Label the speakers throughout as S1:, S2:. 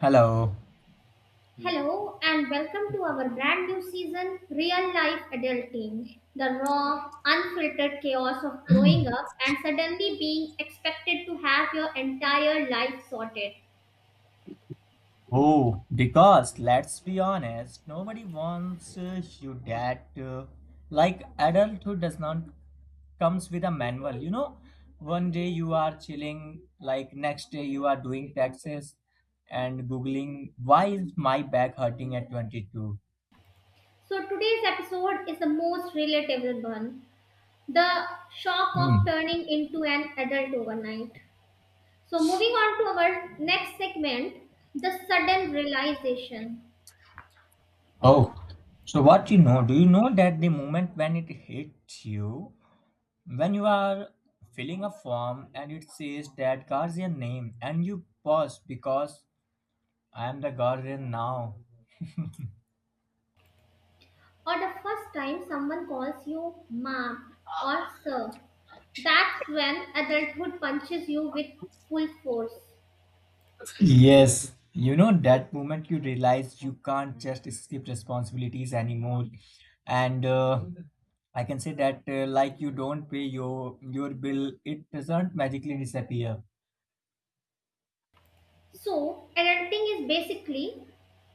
S1: Hello.
S2: Hello and welcome to our brand new season, Real Life Adulting. The raw, unfiltered chaos of growing up and suddenly being expected to have your entire life sorted.
S1: Oh, because let's be honest, nobody wants you that like adulthood does not comes with a manual. You know, one day you are chilling, like next day you are doing taxes and googling why is my back hurting at 22.
S2: So, today's episode is the most relatable one, the shock of
S1: Hmm.
S2: turning into an adult overnight. So, moving on to our next segment, the sudden realization,
S1: Oh, so what you know? Do you know that the moment when it hits you? When you are filling a form and it says that guardian name and you pause because I am the guardian now.
S2: or the first time someone calls you mom or sir. That's when adulthood punches you with full force.
S1: Yes, you know that moment you realize you can't just skip responsibilities anymore, and I can say that like you don't pay your bill, it doesn't magically disappear.
S2: So, adulting is basically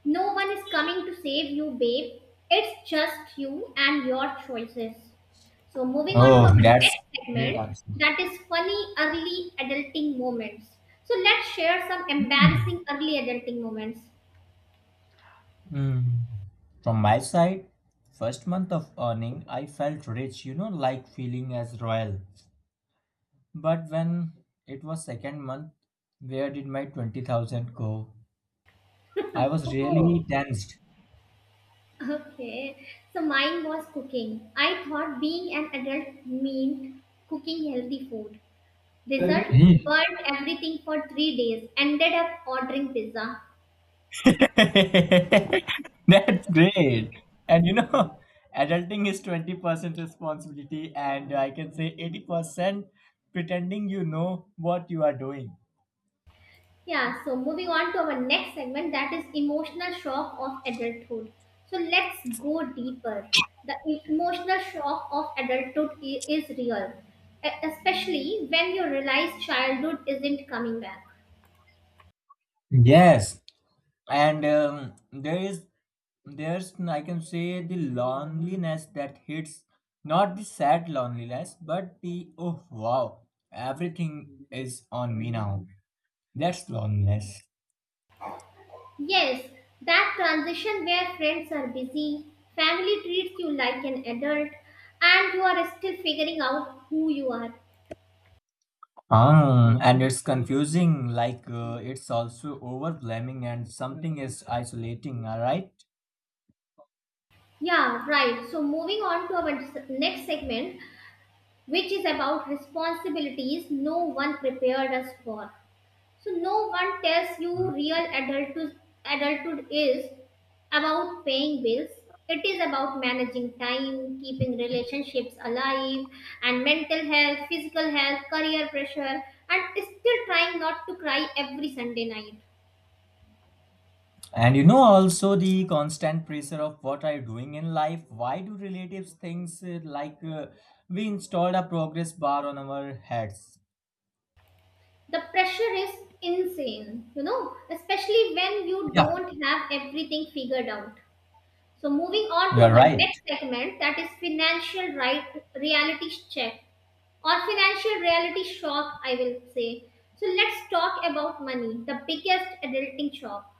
S2: no one is coming to save you, babe. It's just you and your choices. So, moving on to
S1: Oh,
S2: our
S1: that's
S2: next
S1: great
S2: segment
S1: answer.
S2: that is funny early adulting moments. So, let's share some embarrassing early adulting moments.
S1: Mm. From my side, first month of earning, I felt rich, like feeling as royal. But when it was second month, where did my 20,000 go? I was
S2: Oh.
S1: really tensed.
S2: Okay, so mine was cooking. I thought being an adult meant cooking healthy food.
S1: That's
S2: Result, burnt everything for 3 days. Ended up ordering pizza.
S1: great. And adulting is 20% responsibility, and I can say 80% pretending you know what you are doing.
S2: Yeah, so moving on to our next segment that is emotional shock of adulthood. So let's go deeper. The emotional shock of adulthood is real, especially when you realize childhood isn't coming back.
S1: Yes, and there's, I can say, the loneliness that hits, not the sad loneliness, but the oh wow, everything is on me now. That's loneliness.
S2: Yes, that transition where friends are busy, family treats you like an adult, and you are still figuring out who you are.
S1: Ah, and it's confusing, like it's also overwhelming, and something is isolating, all right?
S2: Yeah, right. So, moving on to our next segment, which is about responsibilities no one prepared us for. So no one tells you
S1: Mhm.
S2: real adulthood, adulthood is about paying bills. It is about managing time, keeping relationships alive, and mental health, physical health, career pressure, and still trying not to cry every Sunday night.
S1: And you know, also the constant pressure of what are you doing in life? Why do relatives things we installed a progress bar on our heads?
S2: The pressure is insane, you know, especially when you
S1: Yeah,
S2: don't have everything figured out. So moving on
S1: you
S2: to
S1: are
S2: our
S1: right.
S2: next segment that is financial reality check, or financial reality shock, I will say. So let's talk about money, the biggest adulting shock.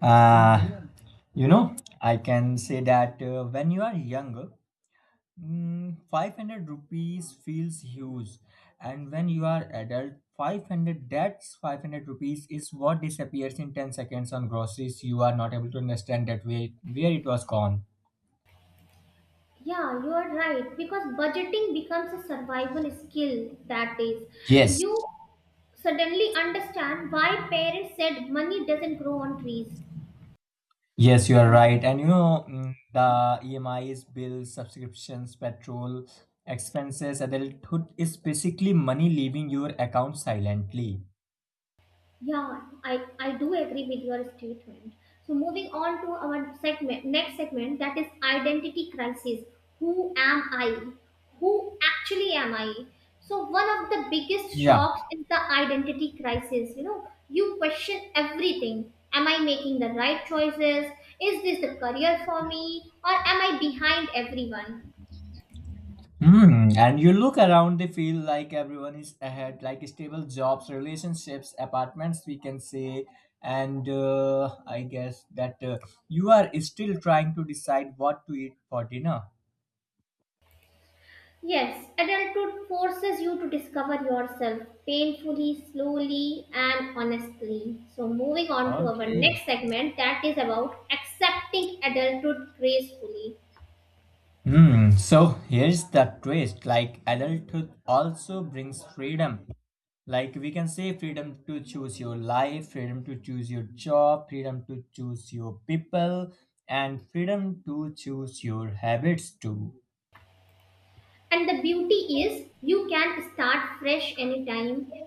S1: Uh, you know, I can say that when you are younger, 500 rupees feels huge, and when you are adult, 500 that's 500 rupees is what disappears in 10 seconds on groceries. You are not able to understand that way where it was gone.
S2: Yeah, you are right because budgeting becomes a survival skill that days.
S1: Yes,
S2: You suddenly understand why parents said money doesn't grow on trees.
S1: yes, you are right. And you know, the EMIs, bills, subscriptions, petrol, expenses, adulthood is basically money leaving your account silently.
S2: Yeah, I do agree with your statement. So moving on to next segment that is identity crisis. Who am I? Who actually am I? So one of the biggest
S1: Yeah.
S2: shocks is the identity crisis. You know, you question everything. Am I making the right choices? Is this the career for me? Or am I behind everyone?
S1: Hmm, and you look around, they feel like everyone is ahead, like stable jobs, relationships, apartments, we can say. And I guess that you are still trying to decide what to eat for dinner.
S2: Yes, adulthood forces you to discover yourself painfully, slowly, and honestly. So, moving on to our
S1: Okay.
S2: next segment that is about accepting adulthood gracefully.
S1: Hmm. So here's the twist. Like adulthood also brings freedom. Like we can say freedom to choose your life, freedom to choose your job, freedom to choose your people, and freedom to choose your habits too.
S2: And the beauty is you can start fresh anytime,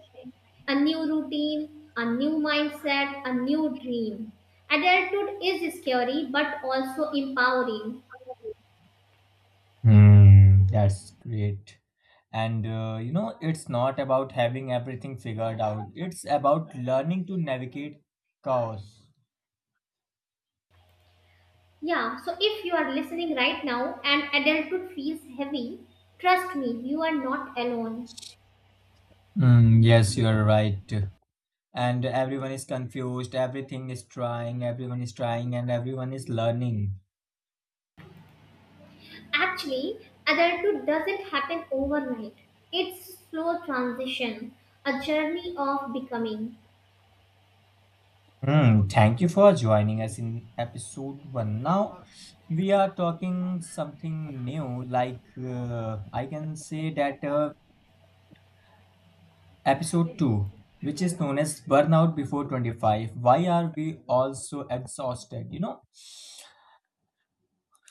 S2: a new routine, a new mindset, a new dream. Adulthood is scary but also empowering.
S1: Hmm, that's great. And it's not about having everything figured out, it's about learning to navigate chaos.
S2: Yeah, so if you are listening right now and adulthood feels heavy, trust me, you are not alone.
S1: Mm, yes, you're right. And everyone is confused, everything is trying, everyone is trying, and everyone is learning.
S2: Actually, adulthood doesn't happen overnight. It's a slow transition, a journey of becoming.
S1: Hmm, thank you for joining us in episode one. Now, we are talking something new. I can say that Episode 2, which is known as Burnout Before 25. Why are we all so exhausted?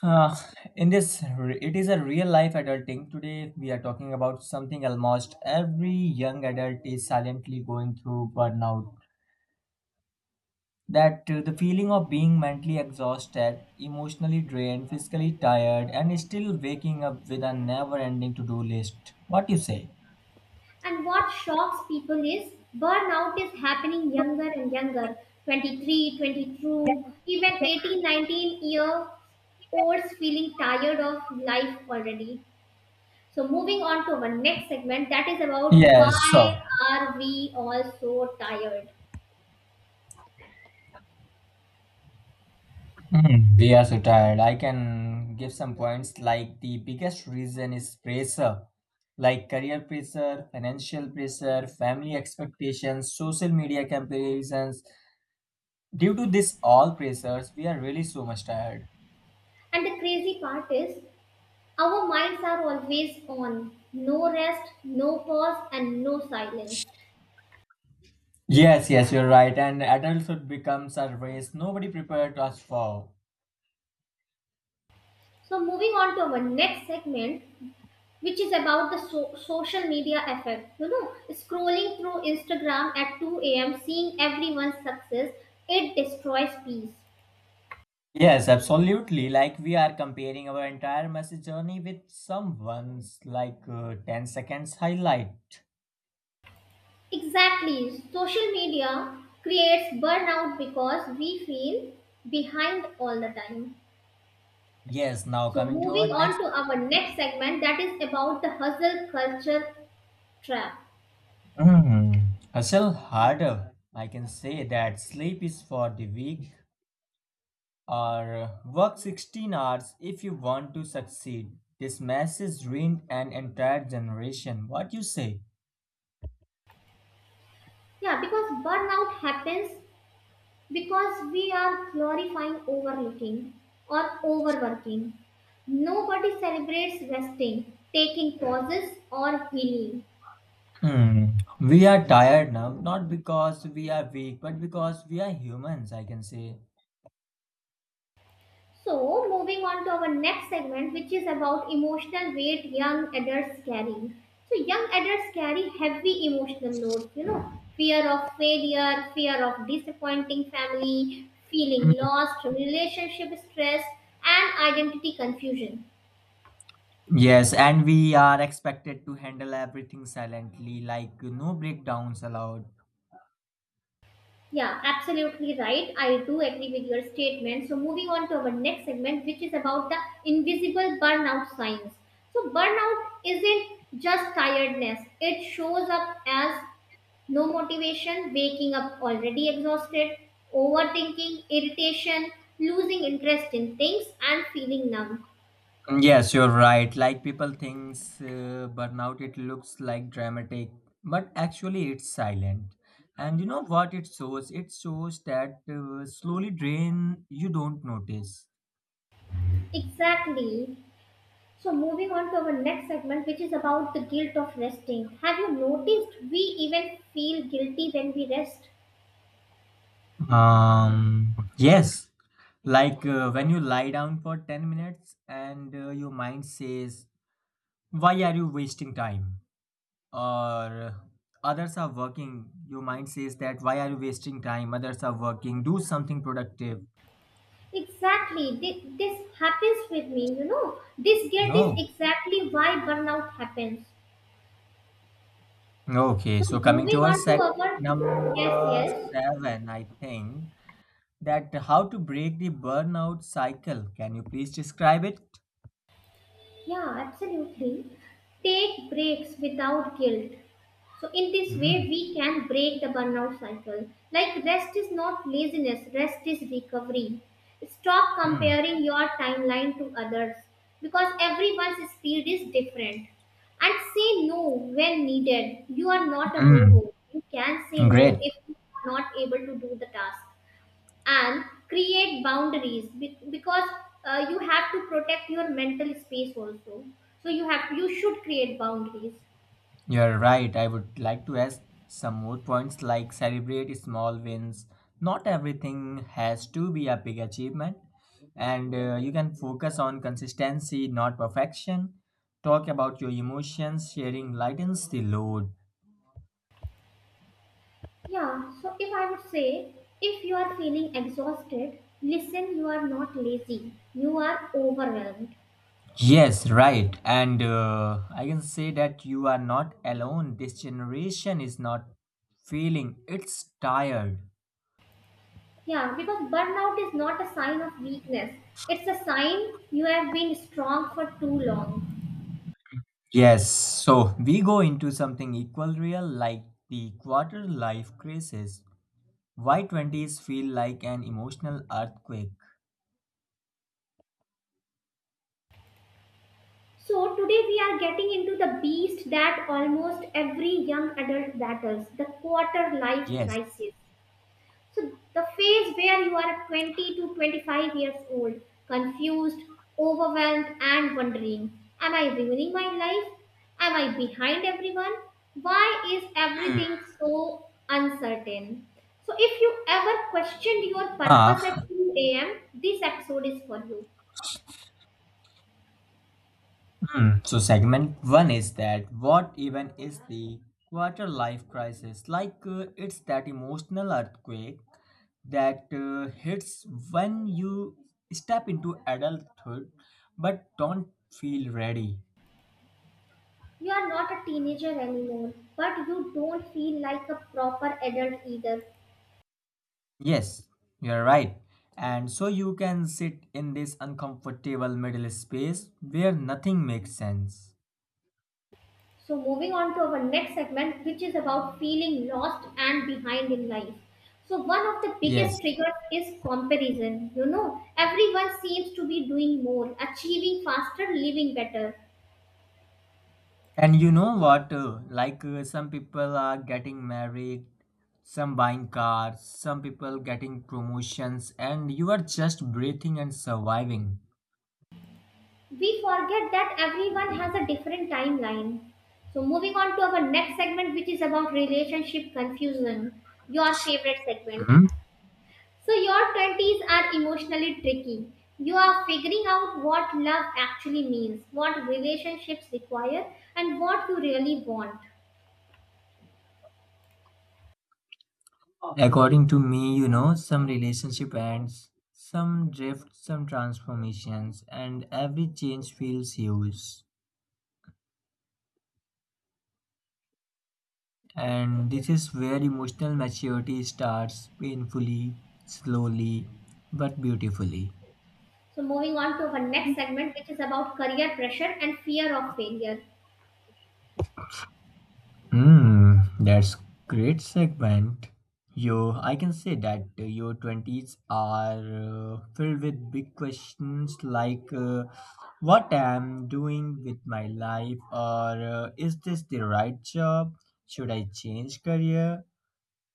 S1: uh, it is a real life adulting. Today, we are talking about something almost every young adult is silently going through burnout. That The feeling of being mentally exhausted, emotionally drained, physically tired, and still waking up with a never ending to do list. What do you say?
S2: And what shocks people is burnout is happening younger and younger. 23, 22, even 1819 year olds feeling tired of life already. So moving on to our next segment, that is about
S1: Yes,
S2: why
S1: so
S2: are we all so tired?
S1: Hmm, we are so tired. I can give some points like the biggest reason is pressure, like career pressure, financial pressure, family expectations, social media comparisons. Due to this all pressures, we are really so much tired.
S2: And the crazy part is, our minds are always on, no rest, no pause, and no silence.
S1: Yes, yes, you're right. And adulthood becomes a race nobody prepared us for.
S2: So moving on to our next segment, which is about the social media effect. You know, scrolling through Instagram at 2 a.m., seeing everyone's success, it destroys peace.
S1: Yes, absolutely. Like we are comparing our entire message journey with someone's 10 seconds highlight.
S2: Exactly. Social media creates burnout because we feel behind all the time.
S1: Yes, now
S2: So,
S1: coming to
S2: moving
S1: our
S2: on
S1: next.
S2: to our next segment that is about the hustle culture trap.
S1: Mm, hustle harder. I can say that sleep is for the weak or work 16 hours if you want to succeed. This message ruined an entire generation. What you say?
S2: Yeah, because burnout happens because we are glorifying overlooking or overworking. Nobody celebrates resting, taking pauses, or healing.
S1: Hmm. We are tired now, not because we are weak, but because we are humans, I can say.
S2: So, moving on to our next segment, which is about emotional weight young adults carry. So, young adults carry heavy emotional loads, you know, fear of failure, fear of disappointing family, feeling
S1: Hmm.
S2: lost, relationship stress, and identity confusion.
S1: Yes, and we are expected to handle everything silently, like no breakdowns allowed.
S2: Yeah, absolutely right. I do agree with your statement. So, moving on to our next segment, which is about the invisible burnout signs. So, burnout isn't just tiredness, it shows up as no motivation, waking up already exhausted, overthinking, irritation, losing interest in things, and feeling numb.
S1: Yes, you're right. Like people thinks burnout, it looks like dramatic, but actually it's silent. And you know what it shows? It shows that slowly drain you don't notice.
S2: Exactly. So, moving on to our next segment, which is about the guilt of resting. Have you noticed we even feel guilty when we rest?
S1: Yes, like when you lie down for 10 minutes and your mind says, why are you wasting time? Or others are working, your mind says that, why are you wasting time? Others are working, do something productive.
S2: Exactly. This happens with me, you know. This guilt is
S1: No.
S2: exactly why burnout happens.
S1: Okay,
S2: So,
S1: so coming
S2: moving
S1: to our
S2: on to
S1: segment
S2: our. Yes,
S1: number
S2: yes.
S1: seven, I think that how to break the burnout cycle. Can you please describe it?
S2: Yeah, absolutely. Take breaks without guilt. So, in this way,
S1: Mm,
S2: we can break the burnout cycle. Like, rest is not laziness, rest is recovery. Stop
S1: mm,
S2: comparing your timeline to others because everyone's speed is different. And say no when needed. You are not a
S1: mm.
S2: robot. You can say no
S1: Great.
S2: if you are not able to do the task, and create boundaries because you have to protect your mental space also, so you should create boundaries.
S1: You're right. I would like to add some more points like celebrate small wins. Not everything has to be a big achievement. And you can focus on consistency, not perfection. Talk about your emotions, sharing lightens the load.
S2: Yeah, so if I would say, if you are feeling exhausted, listen, you are not lazy, you are overwhelmed.
S1: Yes, right. And I can say that you are not alone. This generation is not feeling, it's tired.
S2: Yeah, because burnout is not a sign of weakness, it's a sign you have been strong for too long.
S1: Yes, so we go into something equal real like the quarter life crisis. Why 20s feel like an emotional earthquake?
S2: So today we are getting into the beast that almost every young adult battles, the quarter life
S1: Yes.
S2: crisis. So the phase where you are at 20 to 25 years old, confused, overwhelmed, and wondering, am I ruining my life? Am I behind everyone? Why is
S1: Hmm.
S2: everything so uncertain? So if you ever questioned your purpose at
S1: Ah,
S2: 2 a.m., this episode is for you.
S1: hmm. So segment one is that what even is the quarter life crisis? Like it's that emotional earthquake that hits when you step into adulthood but don't feel ready.
S2: You are not a teenager anymore, but you don't feel like a proper adult either.
S1: Yes, you're right. And so you can sit in this uncomfortable middle space where nothing makes sense.
S2: So, moving on to our next segment, which is about feeling lost and behind in life. So, one of the
S1: Yes.
S2: biggest triggers is comparison. You know, everyone seems to be doing more, achieving faster, living better.
S1: And you know what? Some people are getting married, some buying cars, some people getting promotions, and you are just breathing and surviving.
S2: We forget that everyone has a different timeline. So, moving on to our next segment, which is about relationship confusion, your favorite segment.
S1: Mhm.
S2: So, your 20s are emotionally tricky. You are figuring out what love actually means, what relationships require, and what you really want.
S1: According to me, some relationship ends, some drift, some transformations, and every change feels huge. And this is where emotional maturity starts painfully, slowly, but beautifully.
S2: So, moving on to our next segment, which is about career pressure and fear of failure.
S1: Hmm, that's great segment. Yo, I can say that your 20s are filled with big questions like what I'm doing with my life or is this the right job? Should I change career?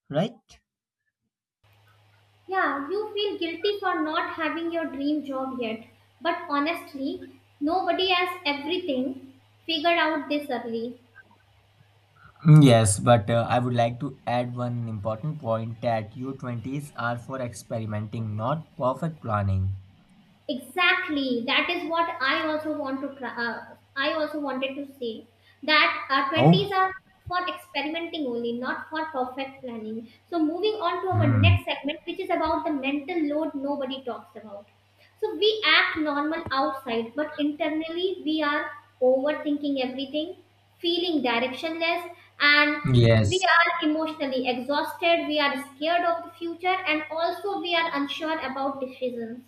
S1: Right?
S2: Yeah, you feel guilty for not having your dream job yet, but honestly, nobody has everything figured out this early.
S1: Mm, yes, but I would like to add one important point that your 20s are for experimenting, not perfect planning.
S2: Exactly. That is what I also want to try. I also wanted to say that 20s
S1: Oh,
S2: are for experimenting only, not for perfect planning. So moving on to our
S1: hmm.
S2: next segment, which is about the mental load nobody talks about. So we act normal outside, but internally we are overthinking everything, feeling directionless, and we
S1: Yes.
S2: are emotionally exhausted. We are scared of the future, and also we are unsure about decisions.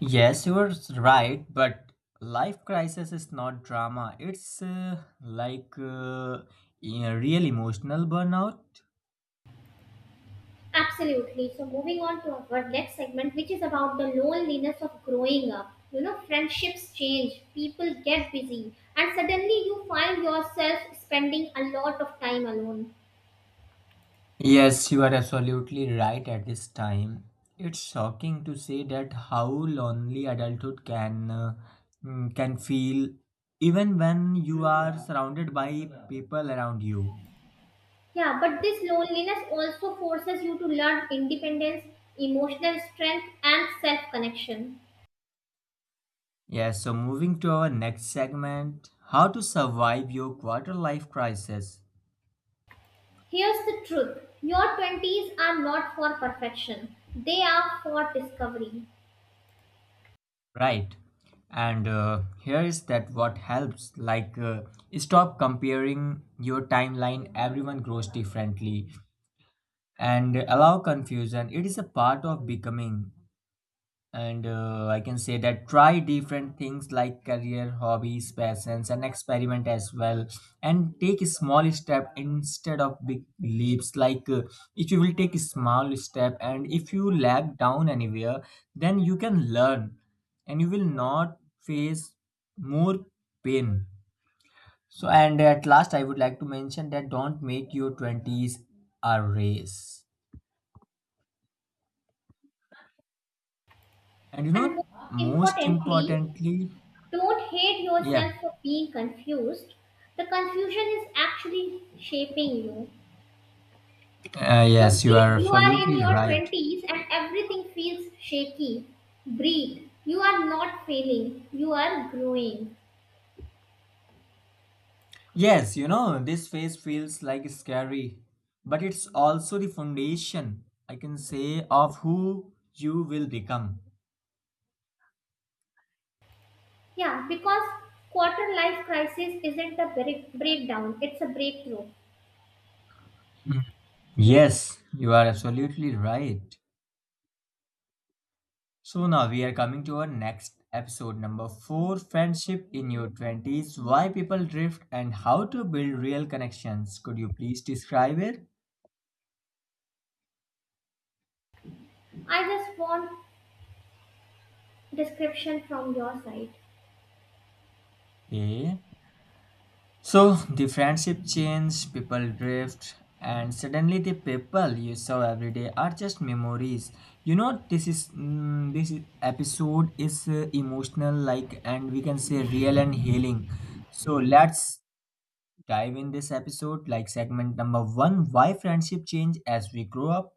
S1: Yes, you're right, but life crisis is not drama. It's a real emotional burnout.
S2: Absolutely. So moving on to our next segment, which is about the loneliness of growing up. You know, friendships change, people get busy, and suddenly you find yourself spending a lot of time alone.
S1: Yes, you are absolutely right at this time. It's shocking to say that how lonely adulthood can feel even when you are surrounded by people around you.
S2: Yeah, but this loneliness also forces you to learn independence, emotional strength, and self connection.
S1: Yes, so moving to our next segment, how to survive your quarter life crisis.
S2: Here's the truth, your 20s are not for perfection, they are for discovery.
S1: Right. And here is that what helps, like stop comparing your timeline, everyone grows differently, and allow confusion, it is a part of becoming. And I can say that try different things like career, hobbies, passions, and experiment as well, and take a small step instead of big leaps, like if you will take a small step and if you lag down anywhere, then you can learn and you will not face more pain. So, and at last, I would like to mention that don't make your 20s a race. And you
S2: And
S1: know,
S2: most
S1: most
S2: importantly,
S1: importantly.
S2: don't hate
S1: Yeah.
S2: yourself for being confused. The confusion is actually shaping you. So,
S1: Yes, you
S2: if
S1: are
S2: you are in
S1: absolutely
S2: your
S1: right.
S2: 20s and everything feels shaky, breathe. You are not failing, you are growing.
S1: Yes, this phase feels like scary, but it's also the foundation, I can say, of who you will become.
S2: Yeah, because quarter life crisis isn't a breakdown, it's a breakthrough.
S1: Mm. Yes, you are absolutely right. So now we are coming to our next episode, number four, Friendship in Your 20s, Why People Drift and How to Build Real Connections. Could you please describe it?
S2: I just want description from your side.
S1: Okay. So the friendship change, people drift, and suddenly the people you saw every day are just memories. You know, this is mm, this is- episode is emotional, like, and we can say real and healing. So let's dive in this episode, like segment number one: why friendship change as we grow up.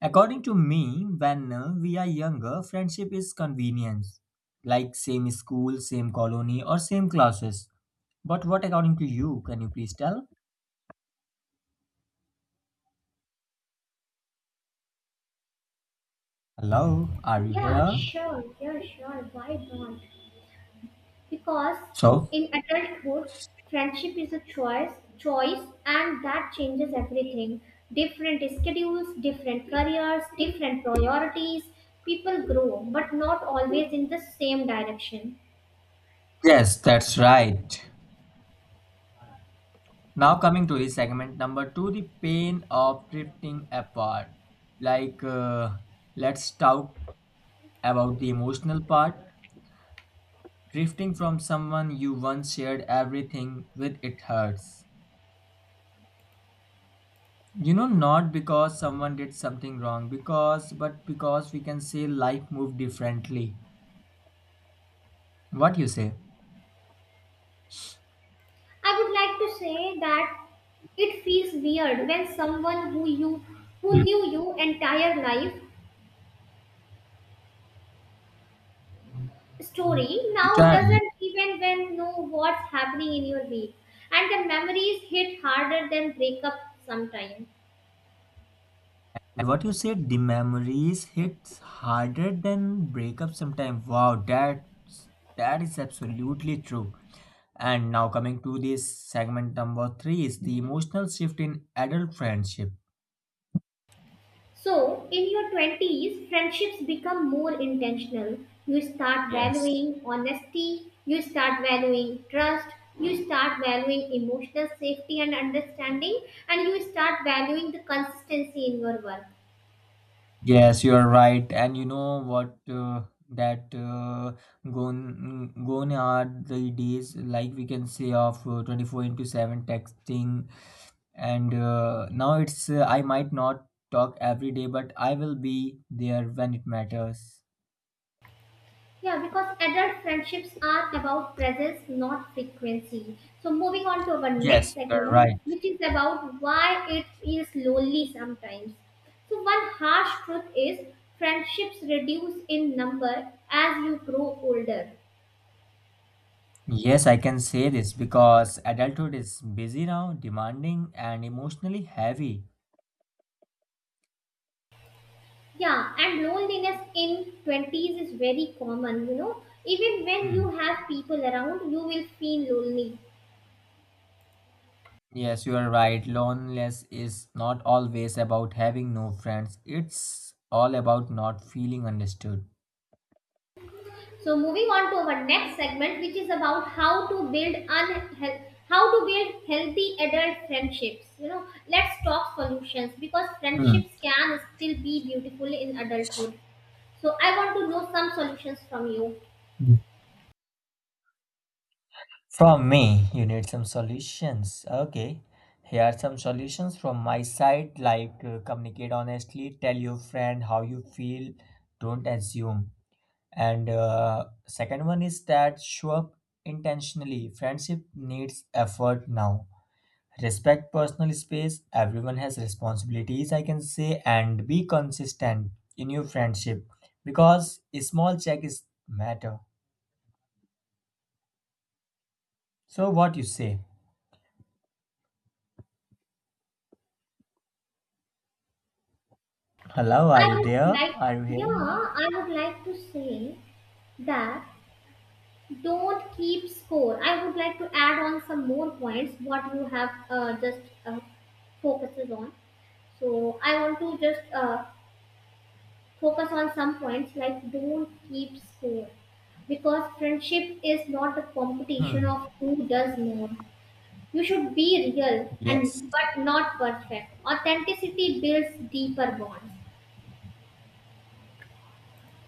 S1: According to me, when we are younger, friendship is convenience, like same school, same colony, or same classes, but what, according to you, can you please tell? Hello, are you
S2: Yeah,
S1: here?
S2: sure, yeah, sure. Why not? Because
S1: So,
S2: in adulthood, friendship is a choice, and that changes everything. Different schedules, different careers, different priorities. People grow, but not always in the same direction.
S1: yes, that's right. Now, coming to the segment number two, the pain of drifting apart. Like, uh, let's talk about the emotional part. Drifting from someone you once shared everything with, it hurts. You know, not because someone did something wrong, because but because we can say life moved differently. What you say?
S2: I would like to say that it feels weird when someone who
S1: Hmm.
S2: knew you entire life story now
S1: Entirely.
S2: doesn't even when know what's happening in your week, and the memories hit harder than breakup sometimes.
S1: And what you said, the memories hits harder than breakup sometimes. Wow, that is absolutely true. And now coming to this segment number three is the emotional shift in adult friendship.
S2: So, in your 20s, friendships become more intentional. You start
S1: Yes.
S2: valuing honesty, you start valuing trust, you start valuing emotional safety and understanding, and you start valuing the consistency in your work.
S1: Yes, you are right. And you know what? That Gone are the days, like we can say, of 24 into 7 texting, and now it's, I might not talk every day, but I will be there when it matters.
S2: Yeah, because adult friendships are about presence, not frequency. So, moving on to our next
S1: Yes, you're
S2: segment,
S1: right.
S2: which is about why it feels lonely sometimes. So, one harsh truth is friendships reduce in number as you grow older.
S1: Yes, I can say this because adulthood is busy now, demanding and emotionally heavy.
S2: Yeah, and loneliness in 20s is very common, you know. Even when
S1: Hmm.
S2: you have people around, you will feel lonely.
S1: Yes, you are right. Loneliness is not always about having no friends, it's all about not feeling understood.
S2: So moving on to our next segment, which is about how to build how to build healthy adult friendships. You know, let's talk solutions because
S1: Hmm.
S2: friendships can still be beautiful in adulthood. So I want to know some solutions from you.
S1: From me, you need some solutions. Okay. Here are some solutions from my side, like communicate honestly, tell your friend how you feel, don't assume. And second one is that show up intentionally. Friendship needs effort now. Respect personal space. Everyone has responsibilities, I can say, and be consistent in your friendship because small check is matter. So what you say? Hello,
S2: I
S1: are you
S2: would
S1: there?
S2: like,
S1: Are you
S2: yeah,
S1: hearing me?
S2: I would like to say that don't keep score. I would like to add on some more points what you have just focuses on. So I want to just focus on some points, like don't keep score, because friendship is not a competition
S1: Hmm,
S2: of who does more. You should be real
S1: yes.
S2: and but not perfect, authenticity builds deeper bonds.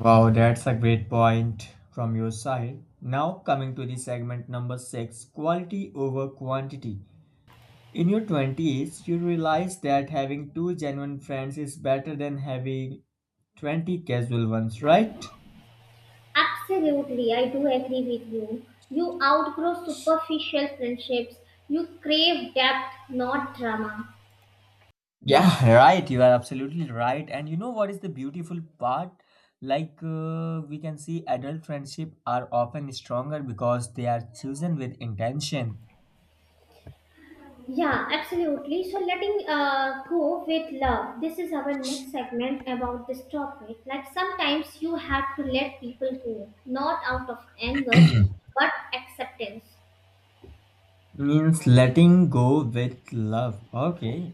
S1: Wow, that's a great point from your side. Now, coming to the segment number six, quality over quantity. In your 20s, you realize that having two genuine friends is better than having 20 casual ones, right?
S2: Absolutely, I do agree with you. You outgrow superficial friendships, you crave depth, not drama.
S1: Yeah, right. You are absolutely right. And you know what is the beautiful part? Like we can see adult friendship are often stronger because they are chosen with intention.
S2: Yeah, absolutely. So, letting go with love. This is our next segment about this topic. Like, sometimes you have to let people go, not out of anger, but acceptance.
S1: Means letting go with love. Okay.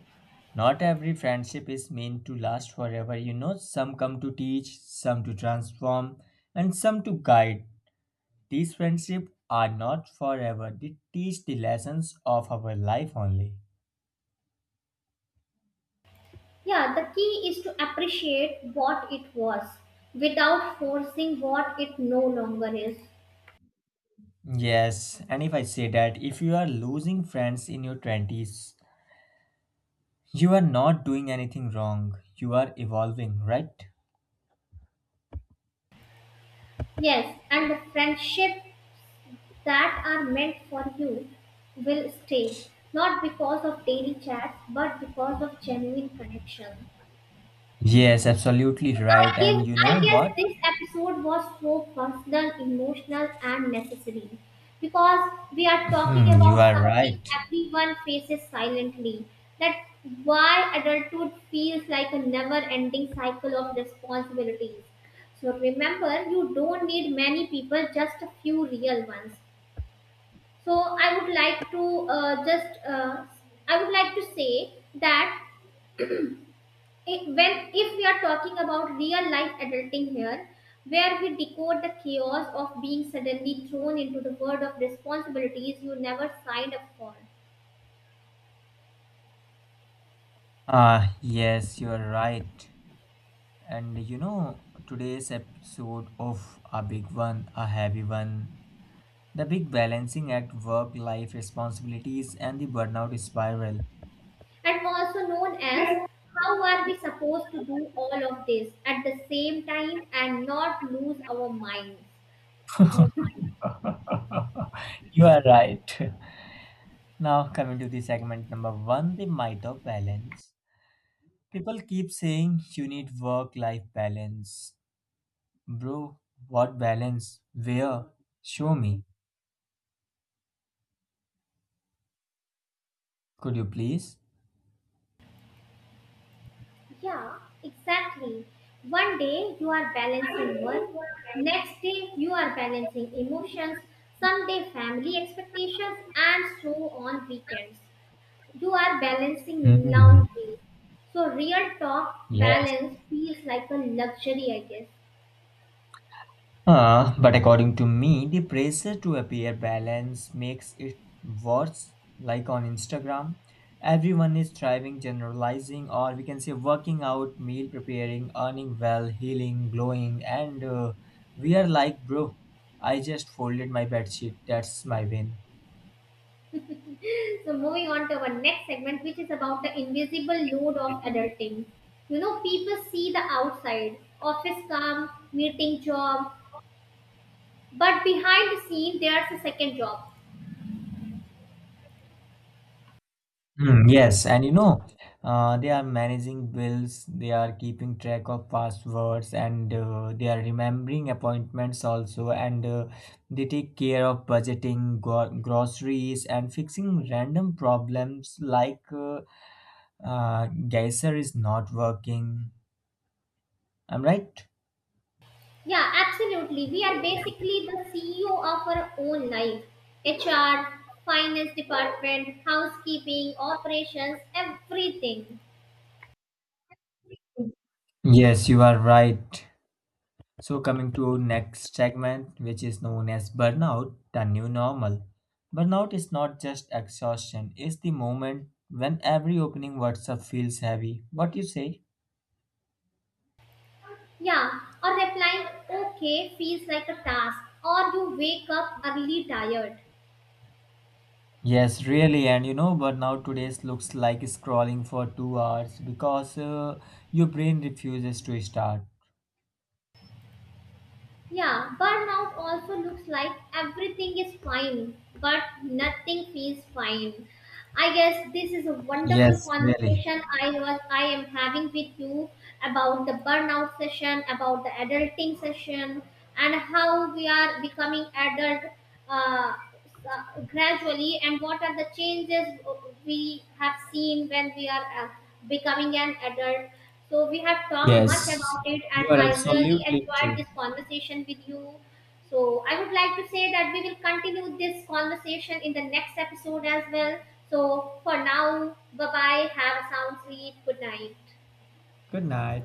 S1: Not every friendship is meant to last forever. Some come to teach, some to transform, and some to guide. These friendships are not forever, they teach the lessons of our life only.
S2: Yeah, the key is to appreciate what it was without forcing what it no longer is.
S1: Yes, and if I say that, if you are losing friends in your 20s, you are not doing anything wrong. You are evolving, right?
S2: Yes, and the friendship that are meant for you will stay, not because of daily chats, but because of genuine connection.
S1: Yes, absolutely right.
S2: I
S1: And
S2: guess,
S1: you
S2: I
S1: know
S2: guess
S1: what?
S2: this episode was so personal, emotional, and necessary because we are talking
S1: Hmm, you
S2: about
S1: are
S2: something
S1: right.
S2: everyone faces silently. That why adulthood feels like a never-ending cycle of responsibilities. So remember, you don't need many people, just a few real ones. So I would like to just I would like to say that when if we are talking about real life adulting here, where we decode the chaos of being suddenly thrown into the world of responsibilities you never signed up for,
S1: Ah, yes, you're right. And you know, today's episode of a big one, a heavy one, the big balancing act, work life responsibilities, and the burnout spiral.
S2: and also known as how are we supposed to do all of this at the same time and not lose our minds.
S1: You are right. Now, coming to the segment number one, the might of balance. People keep saying you need work life balance. Bro, what balance? Where? Show me. Could you please?
S2: Yeah exactly, one day you are balancing work, next day you are balancing emotions, someday family expectations, and so on weekends you are balancing
S1: Mhm.
S2: loudly. So real talk,
S1: Yes.
S2: balance feels like a luxury, I guess.
S1: But according to me, the pressure to appear balanced makes it worse. Like on Instagram, everyone is thriving, generalizing, or we can say working out, meal preparing, earning well, healing, glowing, and we are like, bro, I just folded my bed sheet. That's my win.
S2: So moving on to our next segment, which is about the invisible load of adulting. You know, people see the outside, office come, meeting job, but behind the scene there's a second job.
S1: Mm, yes, and they are managing bills, they are keeping track of passwords, and they are remembering appointments also, and they take care of budgeting, go groceries, and fixing random problems like geyser is not working. I'm right?
S2: Yeah, absolutely. We are basically the CEO of our own life. HR, finance department, housekeeping, operations, everything.
S1: Yes, you are right. So coming to next segment, which is known as burnout, the new normal. Burnout is not just exhaustion, it's the moment when every opening WhatsApp feels heavy. What you say?
S2: Yeah, or replying okay feels like a task, or you wake up early tired.
S1: Yes, really, and burnout today's looks like scrolling for 2 hours because your brain refuses to start.
S2: Yeah, burnout also looks like everything is fine, but nothing feels fine. I guess this is a wonderful
S1: Yes, really.
S2: conversation I am having with you about the burnout session, about the adulting session, and how we are becoming adult. Uh, gradually and what are the changes we have seen when we are becoming an adult. So we have talked
S1: Yes,
S2: much about it
S1: you
S2: and
S1: are
S2: I really
S1: absolutely
S2: enjoyed
S1: true.
S2: this conversation with you. So I would like to say that we will continue this conversation in the next episode as well. So for now, bye bye, have a sound sleep. Good night.
S1: Good night.